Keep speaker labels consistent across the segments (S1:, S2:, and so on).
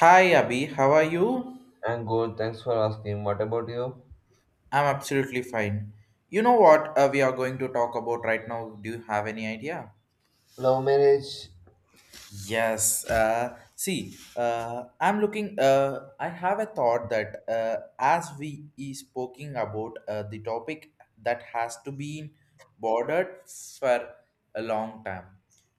S1: Hi Abby, how are you?
S2: And good, thanks for asking. What about you?
S1: I'm absolutely fine. You know what we are going to talk about right now? Do you have any idea?
S2: Love marriage,
S1: Yes. See, I'm looking. I have a thought that as we is spoken about the topic that has to be bordered for a long time.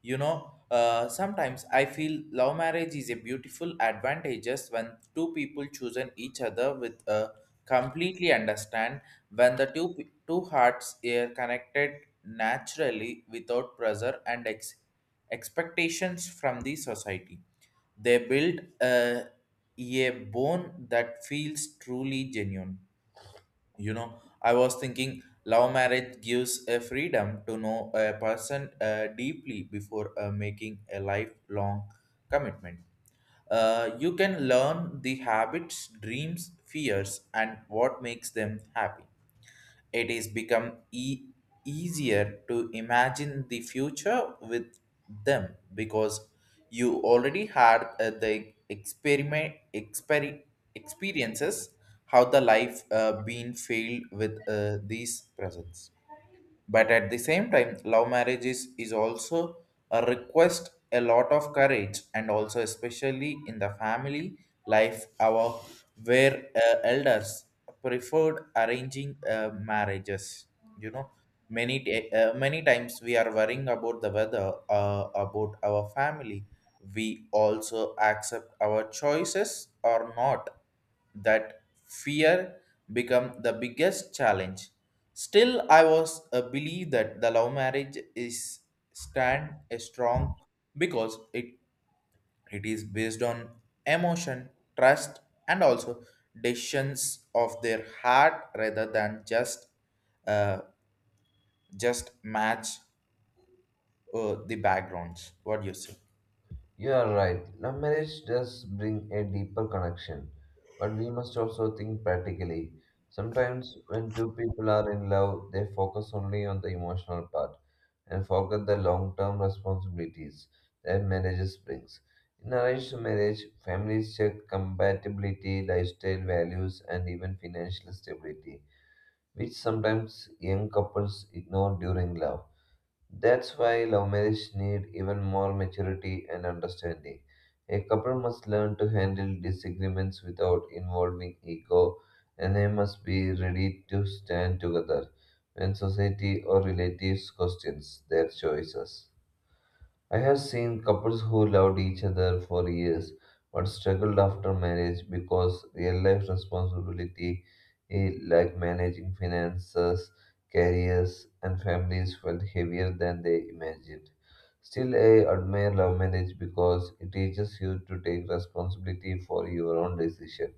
S1: Sometimes I feel love marriage is a beautiful advantages when two people chosen each other with a completely understand when the two hearts are connected naturally without pressure and ex expectations from the society. They build a bone that feels truly genuine. You know, I was thinking love marriage gives a freedom to know a person deeply before making a lifelong commitment. You can learn the habits, dreams, fears, and what makes them happy. It is become easier to imagine the future with them because you already had the experiences how the life been filled with these presents. But at the same time, love marriage is also a request a lot of courage and also especially in the family life our where elders preferred arranging marriages. You know, many times we are worrying about the weather, about our family, we also accept our choices or not, that fear become the biggest challenge. Still I was a believe that the love marriage is stand a strong because it is based on emotion, trust, and also decisions of their heart rather than uh, just match the backgrounds. What do you say?
S2: you are right. Love marriage does bring a deeper connection, but we must also think practically. Sometimes, when two people are in love, they focus only on the emotional part and forget the long term responsibilities that marriages brings. In arranged marriage, families check compatibility, lifestyle values, and even financial stability, which sometimes young couples ignore during love. That's why love marriage need even more maturity and understanding. A couple must learn to handle disagreements without involving ego, and they must be ready to stand together when society or relatives questions their choices. I have seen couples who loved each other for years but struggled after marriage because real life responsibility, like managing finances, careers, and families, felt heavier than they imagined. Still, I admire love marriage because it teaches you to take responsibility for your own decisions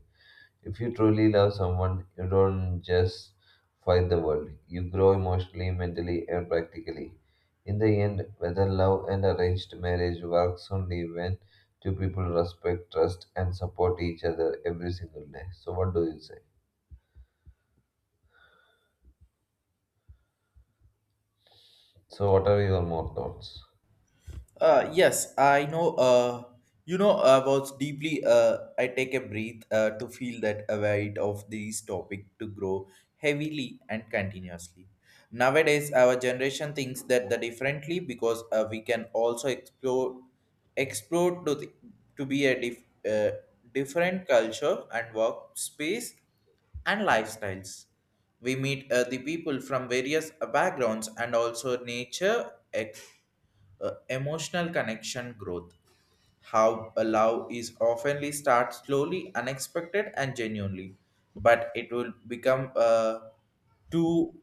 S2: if you truly love someone, you don't just fight the world. You grow emotionally, mentally, and practically. In the end, whether love and arranged marriage works only when two people respect, trust, and support each other every single day. So, what do you say? So, what are your more thoughts?
S1: Yes, I know. You know, I was deeply. I take a breath to feel that a weight of this topic to grow heavily and continuously. Nowadays, our generation thinks that the differently because we can also explore to to be a uh, different culture and workspace and lifestyles. We meet the people from various backgrounds and also nature, emotional connection growth. How a love is oftenly starts slowly, unexpected, and genuinely, but it will become a to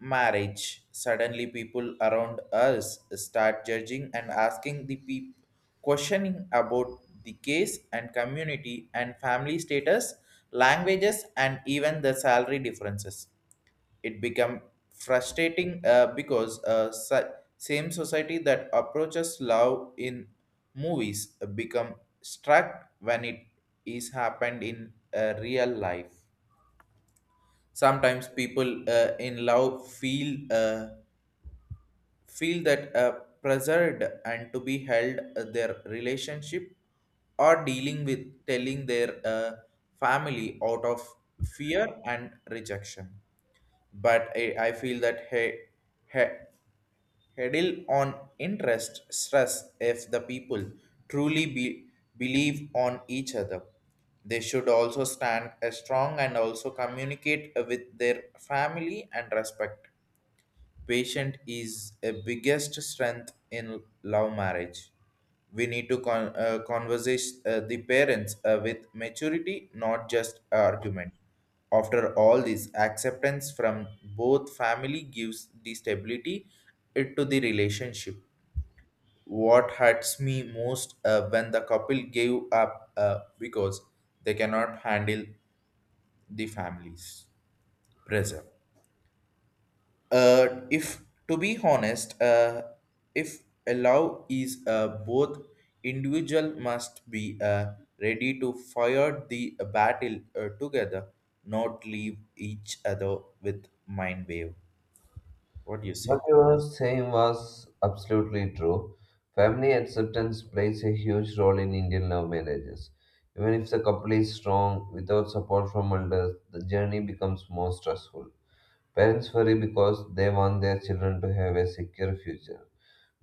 S1: marriage, suddenly people around us start judging and asking the people questioning about the case and community and family status, languages, and even the salary differences. It become frustrating because same society that approaches love in movies become struck when it is happened in real life. Sometimes people in love feel that pressured and to be held their relationship or dealing with telling their family out of fear and rejection. But I feel that hey, heddle on interest stress if the people truly be, believe on each other. They should also stand as strong and also communicate with their family and respect. Patient is a biggest strength in love marriage. We need to converse the parents with maturity, not just argument. After all this, acceptance from both family gives the stability to the relationship. What hurts me most when the couple gave up because they cannot handle the family's pressure. If to be honest, if allow is both individual must be ready to fire the battle together, not leave each other with mind wave. What do you say?
S2: What you were saying was absolutely true. Family acceptance plays a huge role in Indian love marriages. Even if the couple is strong, without support from elders, the journey becomes more stressful. Parents worry because they want their children to have a secure future.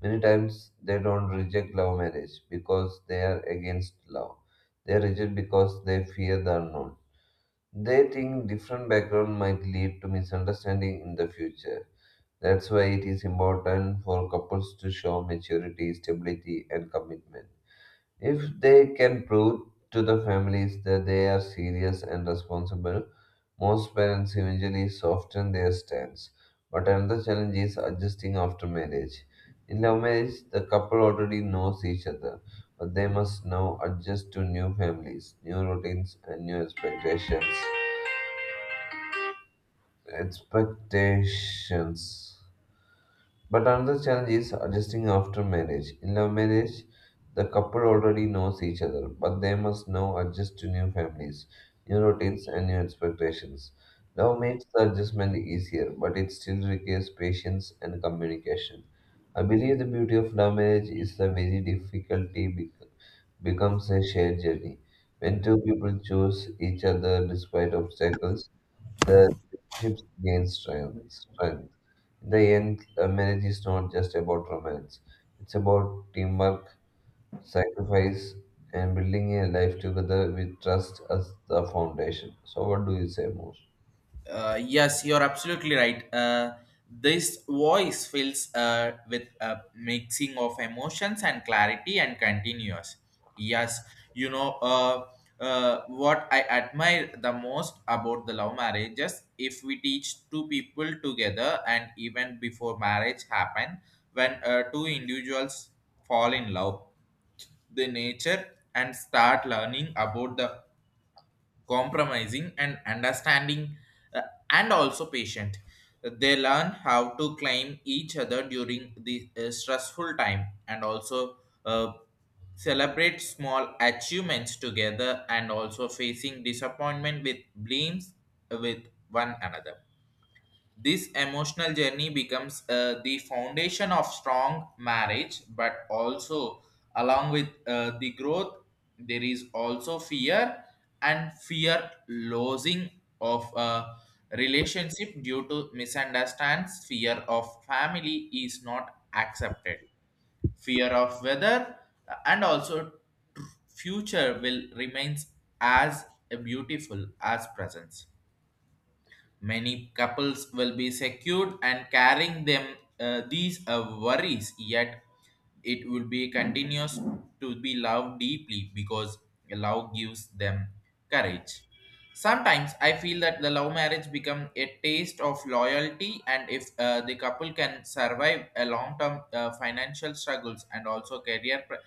S2: Many times they don't reject love marriage because they are against love. They reject because they fear the unknown. They think different background might lead to misunderstanding in the future. That's why it is important for couples to show maturity, stability, and commitment. If they can prove to the families that they are serious and responsible, most parents eventually soften their stance. But another challenge is adjusting after marriage. In love marriage, the couple already knows each other, but they must now adjust to new families, new routines, and new expectations. Expectations. But another challenge is adjusting after marriage. In love marriage, the couple already knows each other, but they must now adjust to new families, new routines, and new expectations. Love makes the adjustment easier, but it still requires patience and communication. I believe the beauty of love marriage is the very difficulty becomes a shared journey. When two people choose each other despite obstacles, the relationship gains strength. In the end, a marriage is not just about romance, it's about teamwork, sacrifice, and building a life together with trust as the foundation. So, what do you say more?
S1: Yes, you're absolutely right. This voice fills with a mixing of emotions and clarity and continuous. Yes, you know uh, what I admire the most about the love marriages. If we teach two people together and even before marriage happen, when two individuals fall in love, the nature and start learning about the compromising and understanding uh, and also patient, they learn how to claim each other during the stressful time and also uh, celebrate small achievements together and also facing disappointment with blames with one another. This emotional journey becomes the foundation of strong marriage, but also along with the growth, there is also fear and fear losing of a relationship due to misunderstands. Fear of family is not accepted. Fear of whether and also future will remains as beautiful as presence. Many couples will be secured and carrying them these worries, yet it will be continuous to be loved deeply because love gives them courage. Sometimes I feel that the love marriage become a taste of loyalty, and if the couple can survive a long-term financial struggles and also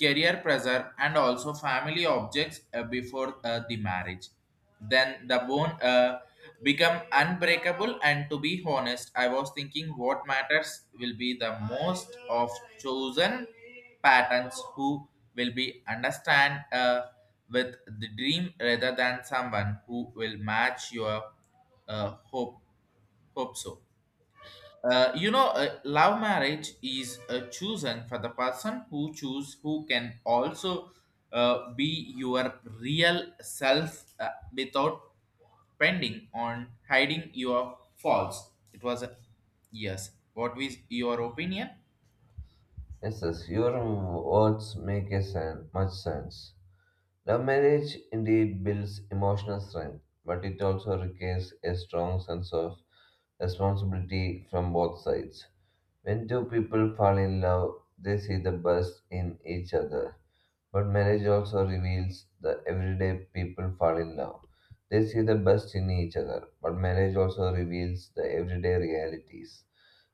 S1: career pressure and also family objects before the marriage, then the bone become unbreakable. And to be honest, I was thinking what matters will be the most of chosen patterns who will be understand with the dream rather than someone who will match your uh, hope hope so. Love marriage is chosen for the person who choose, who can also be your real self without pending on hiding your faults. It was a yes. What was your opinion?
S2: Yes, yes, your words make much sense. Love marriage indeed builds emotional strength, but it also requires a strong sense of responsibility from both sides. When two people fall in love, they see the best in each other. But marriage also reveals the everyday people fall in love. They see the best in each other, but marriage also reveals the everyday realities.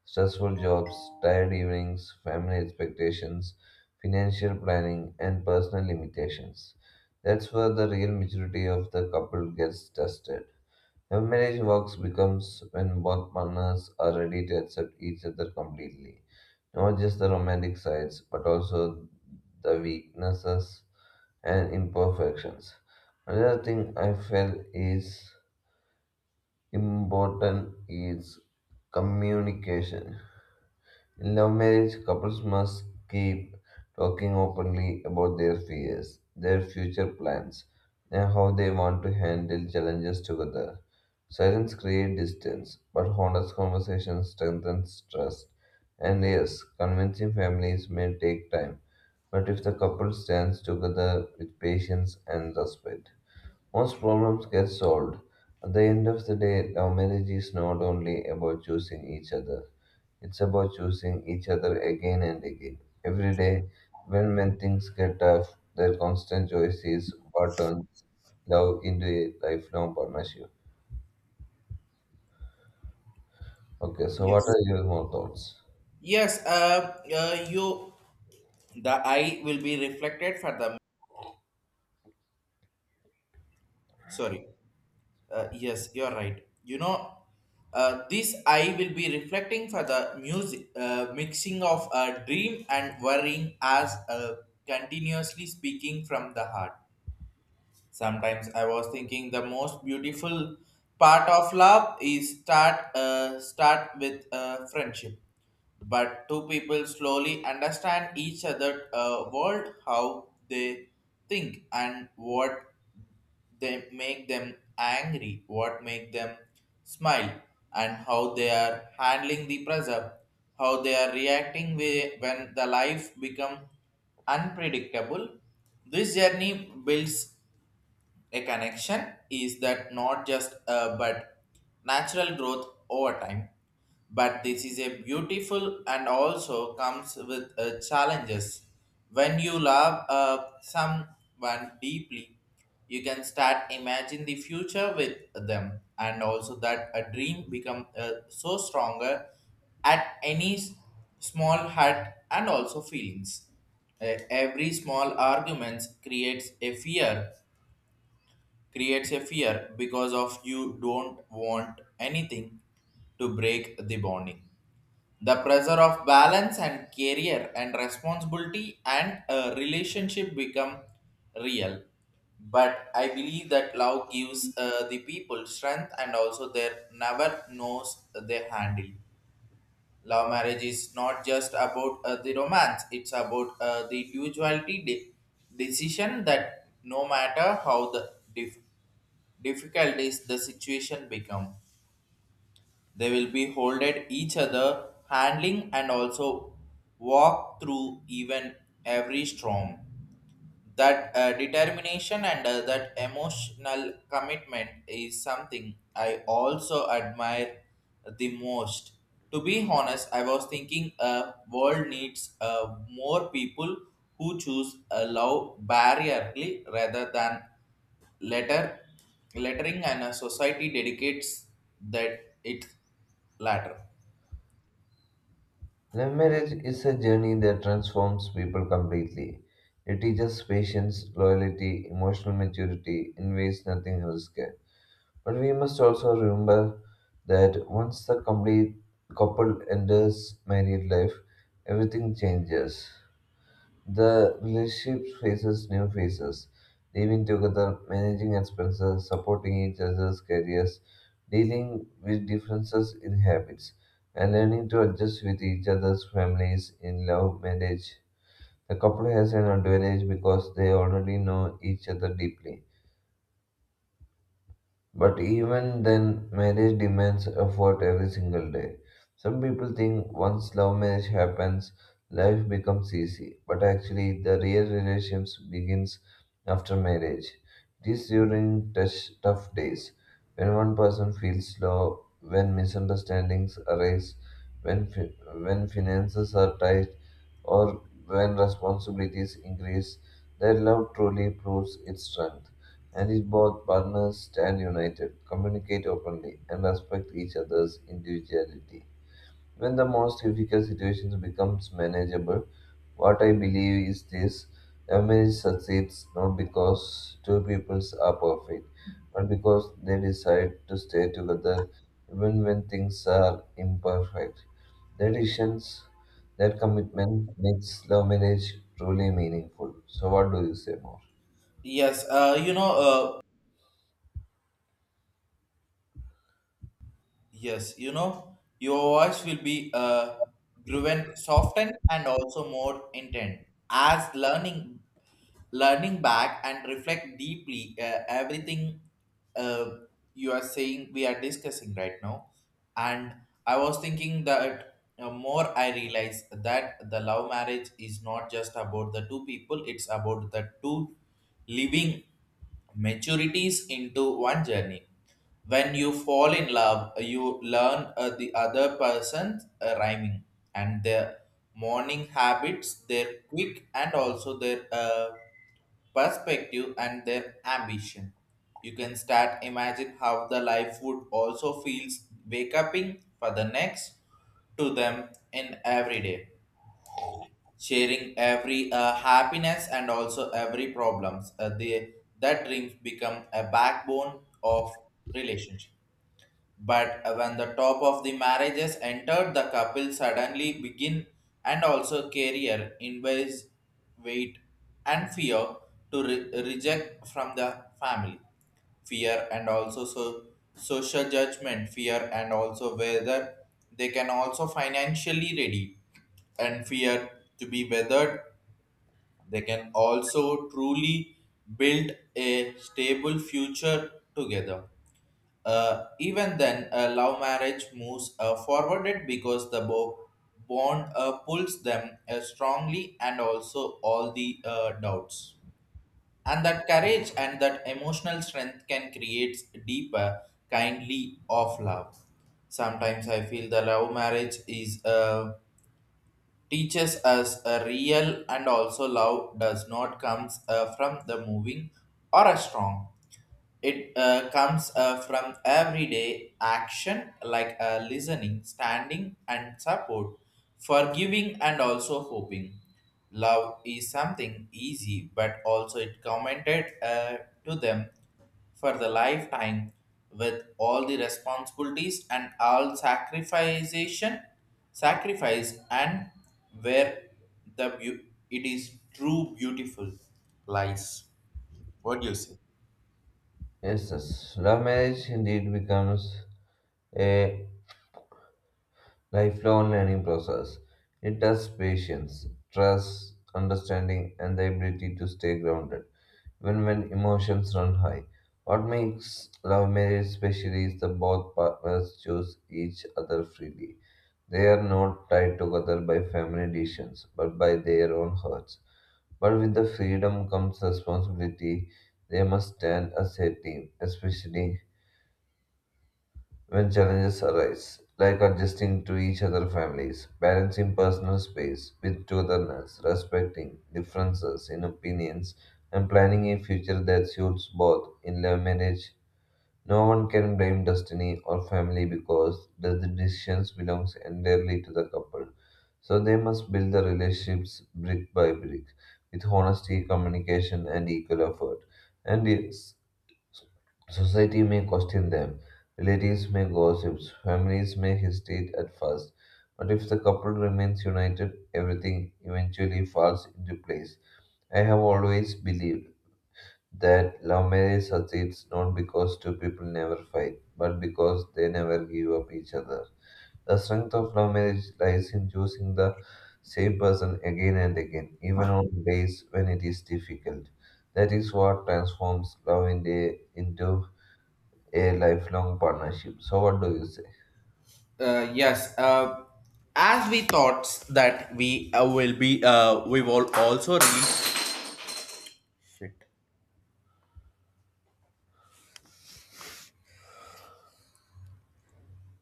S2: Stressful jobs, tired evenings, family expectations, financial planning, and personal limitations. That's where the real maturity of the couple gets tested. How marriage works becomes when both partners are ready to accept each other completely. Not just the romantic sides, but also the weaknesses and imperfections. Another thing I felt is important is communication. In love marriage, couples must keep talking openly about their fears, their future plans, and how they want to handle challenges together. Silence creates distance, but honest conversation strengthens trust. And yes, convincing families may take time, but if the couple stands together with patience and respect, most problems get solved. At the end of the day, love marriage is not only about choosing each other, it's about choosing each other again and again. Every day, when things get tough, their constant choice is what turns love into a lifelong partnership. Okay, so what
S1: Yes.
S2: are your more thoughts?
S1: Yes, you, the eye will be reflected for sorry. Yes, you're right. You know, this I will be reflecting for the music mixing of dream and worrying as continuously speaking from the heart. Sometimes I was thinking the most beautiful part of love is start with friendship, but two people slowly understand each other world, how they think and what they make them angry, what make them smile, and how they are handling the pressure, how they are reacting when the life become unpredictable. This journey builds a connection is that not just but natural growth over time. But this is a beautiful and also comes with challenges. When you love someone deeply, you can start imagine the future with them, and also that a dream become so stronger at small hurt and also feelings. Every small arguments creates a fear because of you don't want anything to break the bonding. The pressure of balance and career and responsibility and a relationship become real, but I believe that love gives the people strength, and also they never knows they handle. Love marriage is not just about the romance, it's about the individuality decision that no matter how the difficult is the situation become, they will be holded each other, handling and also walk through even every storm. That determination and that emotional commitment is something I also admire the most. To be honest, I was thinking world needs more people who choose a love barrierly rather than letter lettering, and a society dedicates that it latter.
S2: Love marriage is a journey that transforms people completely. It teaches patience, loyalty, emotional maturity in ways nothing else can. But we must also remember that once the complete couple enters married life, everything changes. The relationship faces new phases, living together, managing expenses, supporting each other's careers, dealing with differences in habits, and learning to adjust with each other's families in love marriage. The couple has an advantage because they already know each other deeply. But even then, marriage demands effort every single day. Some people think once love marriage happens, life becomes easy. But actually, the real relationships begins after marriage. It is during tough days, when one person feels low, when misunderstandings arise, when fi- when finances are tight, or when responsibilities increase, that love truly proves its strength. And if both partners stand united, communicate openly, and respect each other's individuality, when the most difficult situations becomes manageable. What I believe is this: a marriage succeeds not because two peoples are perfect, but because they decide to stay together even when things are imperfect. That decisions, that commitment makes love marriage truly meaningful. So, what do you say more?
S1: Yes, Yes, you know, your voice will be grown, softened, and also more intent. As learning back and reflect deeply everything uh, you are saying, we are discussing right now. And I was thinking that more I realize that the love marriage is not just about the two people; it's about the two living maturities into one journey. When you fall in love, you learn the other person's rhyming and their morning habits, their quick and also their perspective and their ambition. You can start imagine how the life would also feels wake up in for the next to them in every day, sharing every happiness and also every problems. That dreams become a backbone of relationship. But when the top of the marriages entered, the couple suddenly begin and also career in ways, weight and fear to reject from the family. Fear and also so social judgment, fear and also whether they can also financially ready, and fear to be weathered. They can also truly build a stable future together. Even then, a love marriage moves forwarded because the bond pulls them strongly and also all the doubts. And that courage and that emotional strength can create deeper, kindly of love. Sometimes I feel the love marriage is teaches us a real, and also love does not comes from the moving or a strong, it comes from everyday action like listening, standing, and support, forgiving, and also hoping. Love is something easy, but also it commented to them for the lifetime with all the responsibilities and all sacrifice, and where the beau- it is true beautiful lies. What do you say?
S2: Yes, yes. Love marriage indeed becomes a lifelong learning process. It tests patience, trust, understanding, and the ability to stay grounded, even when emotions run high. What makes love marriage special is that both partners choose each other freely. They are not tied together by family decisions, but by their own hearts. But with the freedom comes responsibility. They must stand as a team, especially when challenges arise, like adjusting to each other's families, balancing personal space with togetherness, respecting differences in opinions, and planning a future that suits both in love marriage. No one can blame destiny or family because the decisions belongs entirely to the couple. So they must build the relationships brick by brick with honesty, communication, and equal effort. And yes, society may question them, relatives may gossip, families may hesitate at first. But if the couple remains united, everything eventually falls into place. I have always believed that love marriage succeeds not because two people never fight, but because they never give up each other. The strength of love marriage lies in choosing the same person again and again, even on days when it is difficult. That is what transforms love into a lifelong partnership. So, what do you say?
S1: Yes. As we thought that we will also release. Shit.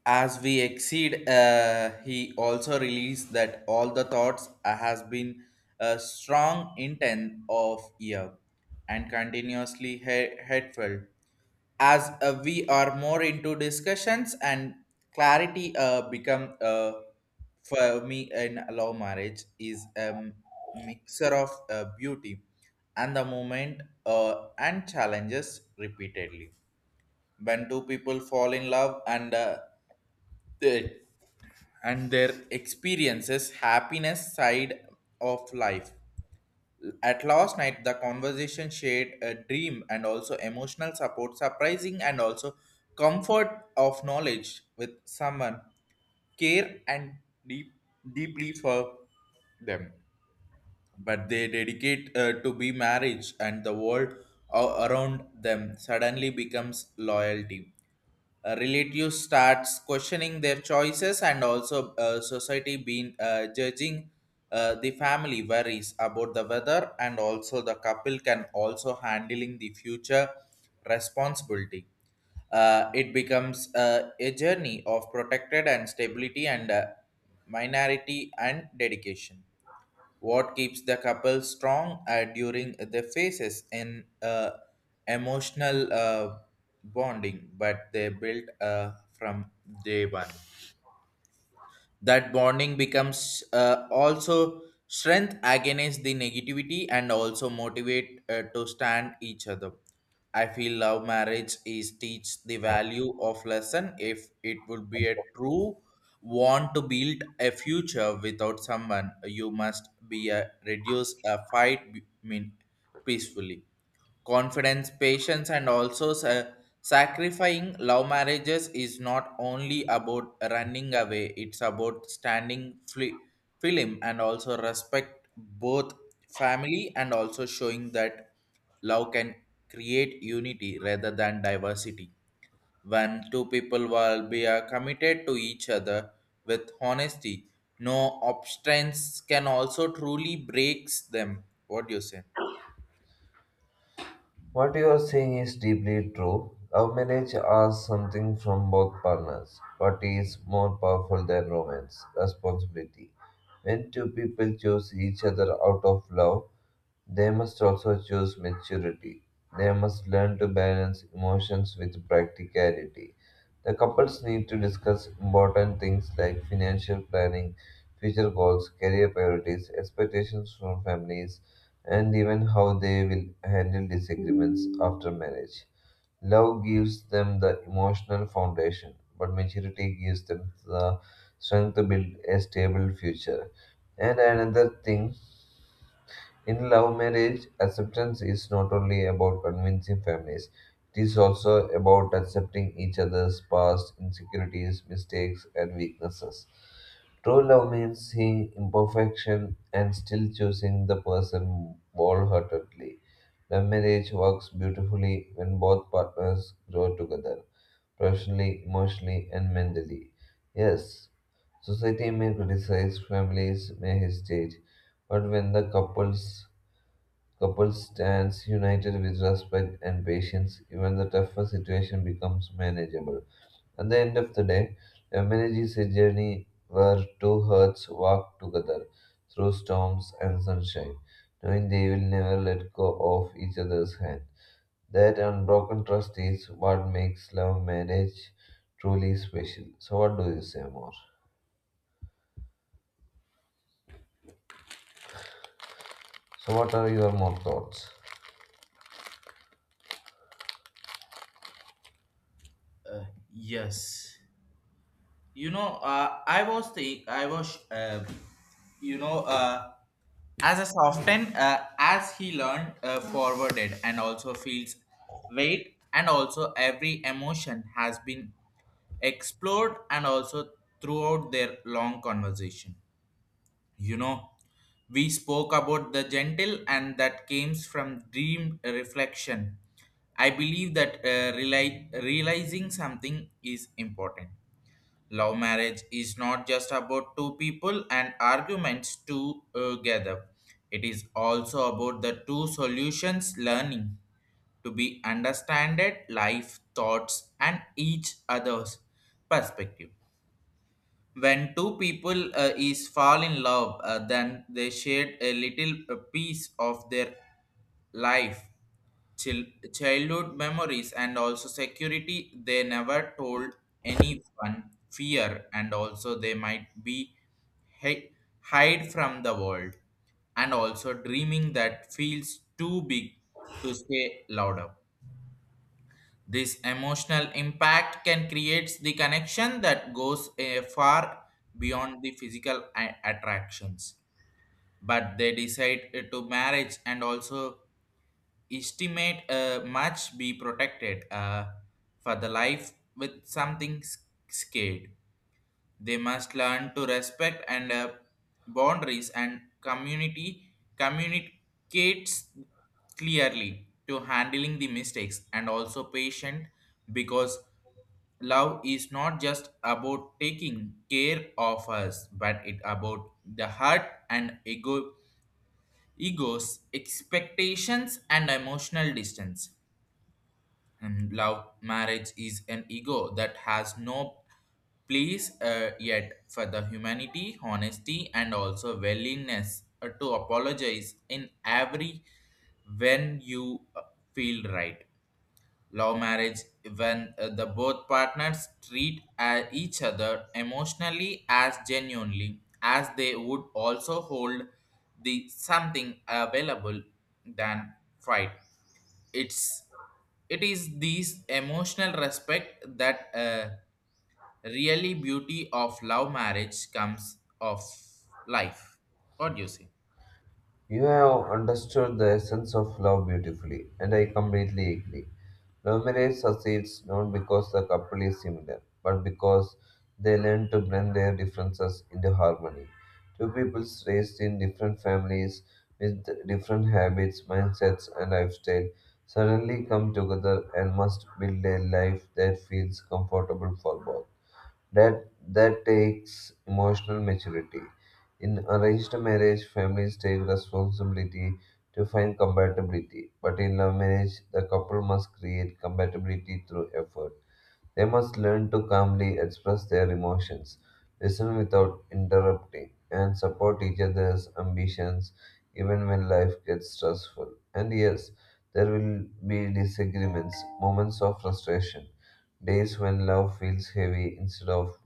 S1: As we exceed, he also released that all the thoughts has been a strong intent of year and continuously headfelt. As We are more into discussions and clarity become for me in love marriage is a mixer of beauty and the moment and challenges repeatedly when two people fall in love and they, and their experiences happiness side of life at last night, the conversation shared a dream and also emotional support, surprising and also comfort of knowledge with someone, care and deep, deeply for them. But they dedicate to be marriage and the world around them suddenly becomes loyalty. Relative starts questioning their choices and also society being judging, the family worries about the weather and also the couple can also handling the future responsibility. It becomes a journey of protected and stability and minority and dedication. What keeps the couple strong during the phases in emotional bonding, but they built from day one that bonding becomes also strength against the negativity and also motivate to stand each other. I feel love marriage is teach the
S2: Oh,
S1: value of lesson if it would be a
S2: I.
S1: true want to build a future without someone. You must be a reduce a fight mean peacefully, confidence, patience, and also sacrificing. Love marriages is not only about running away, it's about standing film and also respect both family and also showing that love can create unity rather than diversity. When two people will be committed to each other with honesty, no obstacles can also truly breaks them. What do you say?
S2: What you are saying is deeply true. Love marriage asks something from both partners, but what is more powerful than romance? Responsibility. When two people choose each other out of love, they must also choose maturity. They must learn to balance emotions with practicality. The couples need to discuss important things like financial planning, future goals, career priorities, expectations from families, and even how they will handle disagreements after marriage. Love gives them the emotional foundation, but maturity gives them the strength to build a stable future. And another thing, in love marriage, acceptance is not only about convincing families, it is also about accepting each other's past, insecurities, mistakes, and weaknesses. True love means seeing imperfection and still choosing the person wholeheartedly. Love marriage works beautifully when both partners grow together, professionally, emotionally, and mentally. Yes, society may criticize, families may hesitate, but when the couple stands united with respect and patience, even the toughest situation becomes manageable. At the end of the day, a marriage is a journey where two hearts walk together through storms and sunshine, knowing they will never let go of each other's hand. That unbroken trust is what makes love marriage truly special. So, what do you say more? So, what are your more thoughts?
S1: Yes. I was think I was you know uh, as a soften, as he learned, forwarded and also feels weight and also every emotion has been explored and also throughout their long conversation, you know, we spoke about the gentle and that came from dream reflection. I believe that realizing something is important. Love marriage is not just about two people and arguments together. It is also about the two solutions learning to be understanded life thoughts and each other's perspective. When two people is fall in love, then they shared a little piece of their life, chil- childhood memories and also security they never told anyone, fear and also they might be hi- hide from the world, and also dreaming that feels too big to say louder. This emotional impact can create the connection that goes far beyond the physical attractions, but they decide to marriage and also estimate much be protected for the life with something scared. They must learn to respect and boundaries and community communicates clearly to handling the mistakes and also patient, because love is not just about taking care of us but it about the heart and egos, expectations, and emotional distance. And love marriage is an ego that has no place, yet for the humanity, honesty, and also willingness to apologize in every when you feel right. Love marriage when the both partners treat each other emotionally as genuinely as they would also hold the something available than fight. it's it is these emotional respect that really beauty of love marriage comes of life. What do you say?
S2: You have understood the essence of love beautifully, and I completely agree. Love marriage succeeds not because the couple is similar, but because they learn to blend their differences into harmony. Two peoples raised in different families with different habits, mindsets, and lifestyle suddenly come together and must build a life that feels comfortable for both. That takes emotional maturity. In arranged marriage, families take responsibility to find compatibility, but in love marriage, the couple must create compatibility through effort. They must learn to calmly express their emotions, listen without interrupting, and support each other's ambitions even when life gets stressful. And yes, there will be disagreements, moments of frustration, days when love feels heavy instead of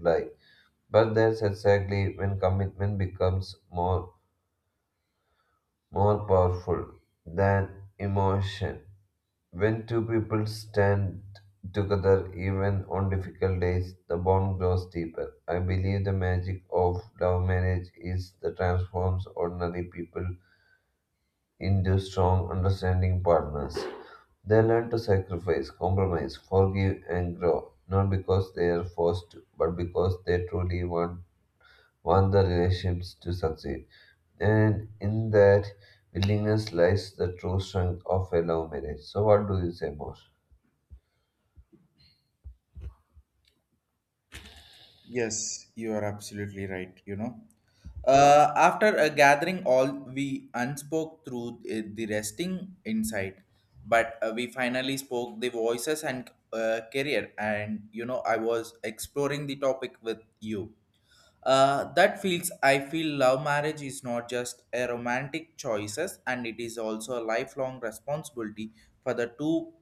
S2: like. But that's exactly when commitment becomes more powerful than emotion. When two people stand together even on difficult days, the bond grows deeper. I believe the magic of love marriage is that transforms ordinary people into strong understanding partners. They learn to sacrifice, compromise, forgive, and grow, not because they are forced to, but because they truly want the relationships to succeed. And in that willingness lies the true strength of a love marriage. So, what do you say more?
S1: Yes, you are absolutely right. You know, after a gathering, all we unspoke through the resting inside, but we finally spoke the voices and career. And you know, I was exploring the topic with you. That feels I feel love marriage is not just a romantic choices and it is also a lifelong responsibility for the two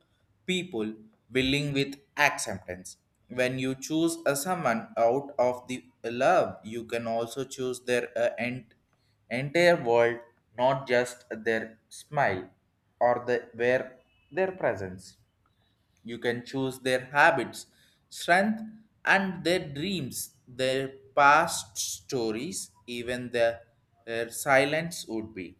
S1: people willing with acceptance. When you choose a someone out of the love, you can also choose their entire world, not just their smile or the where their presence. You can choose their habits, strength, and their dreams, their past stories, even their silence would be.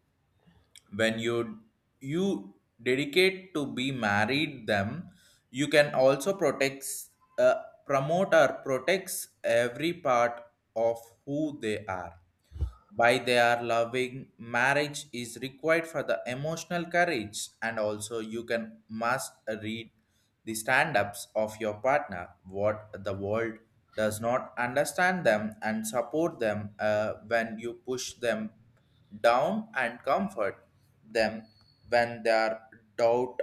S1: When you dedicate to be married them, you can also protects, uh, promote or protects every part of who they are. By they are loving marriage is required for the emotional courage and also you can must read the stand-ups of your partner what the world does not understand them and support them when you push them down and comfort them when they are doubt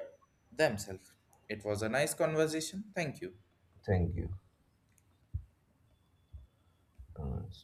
S1: themselves. It was a nice conversation, thank you.
S2: Thank you. Uh,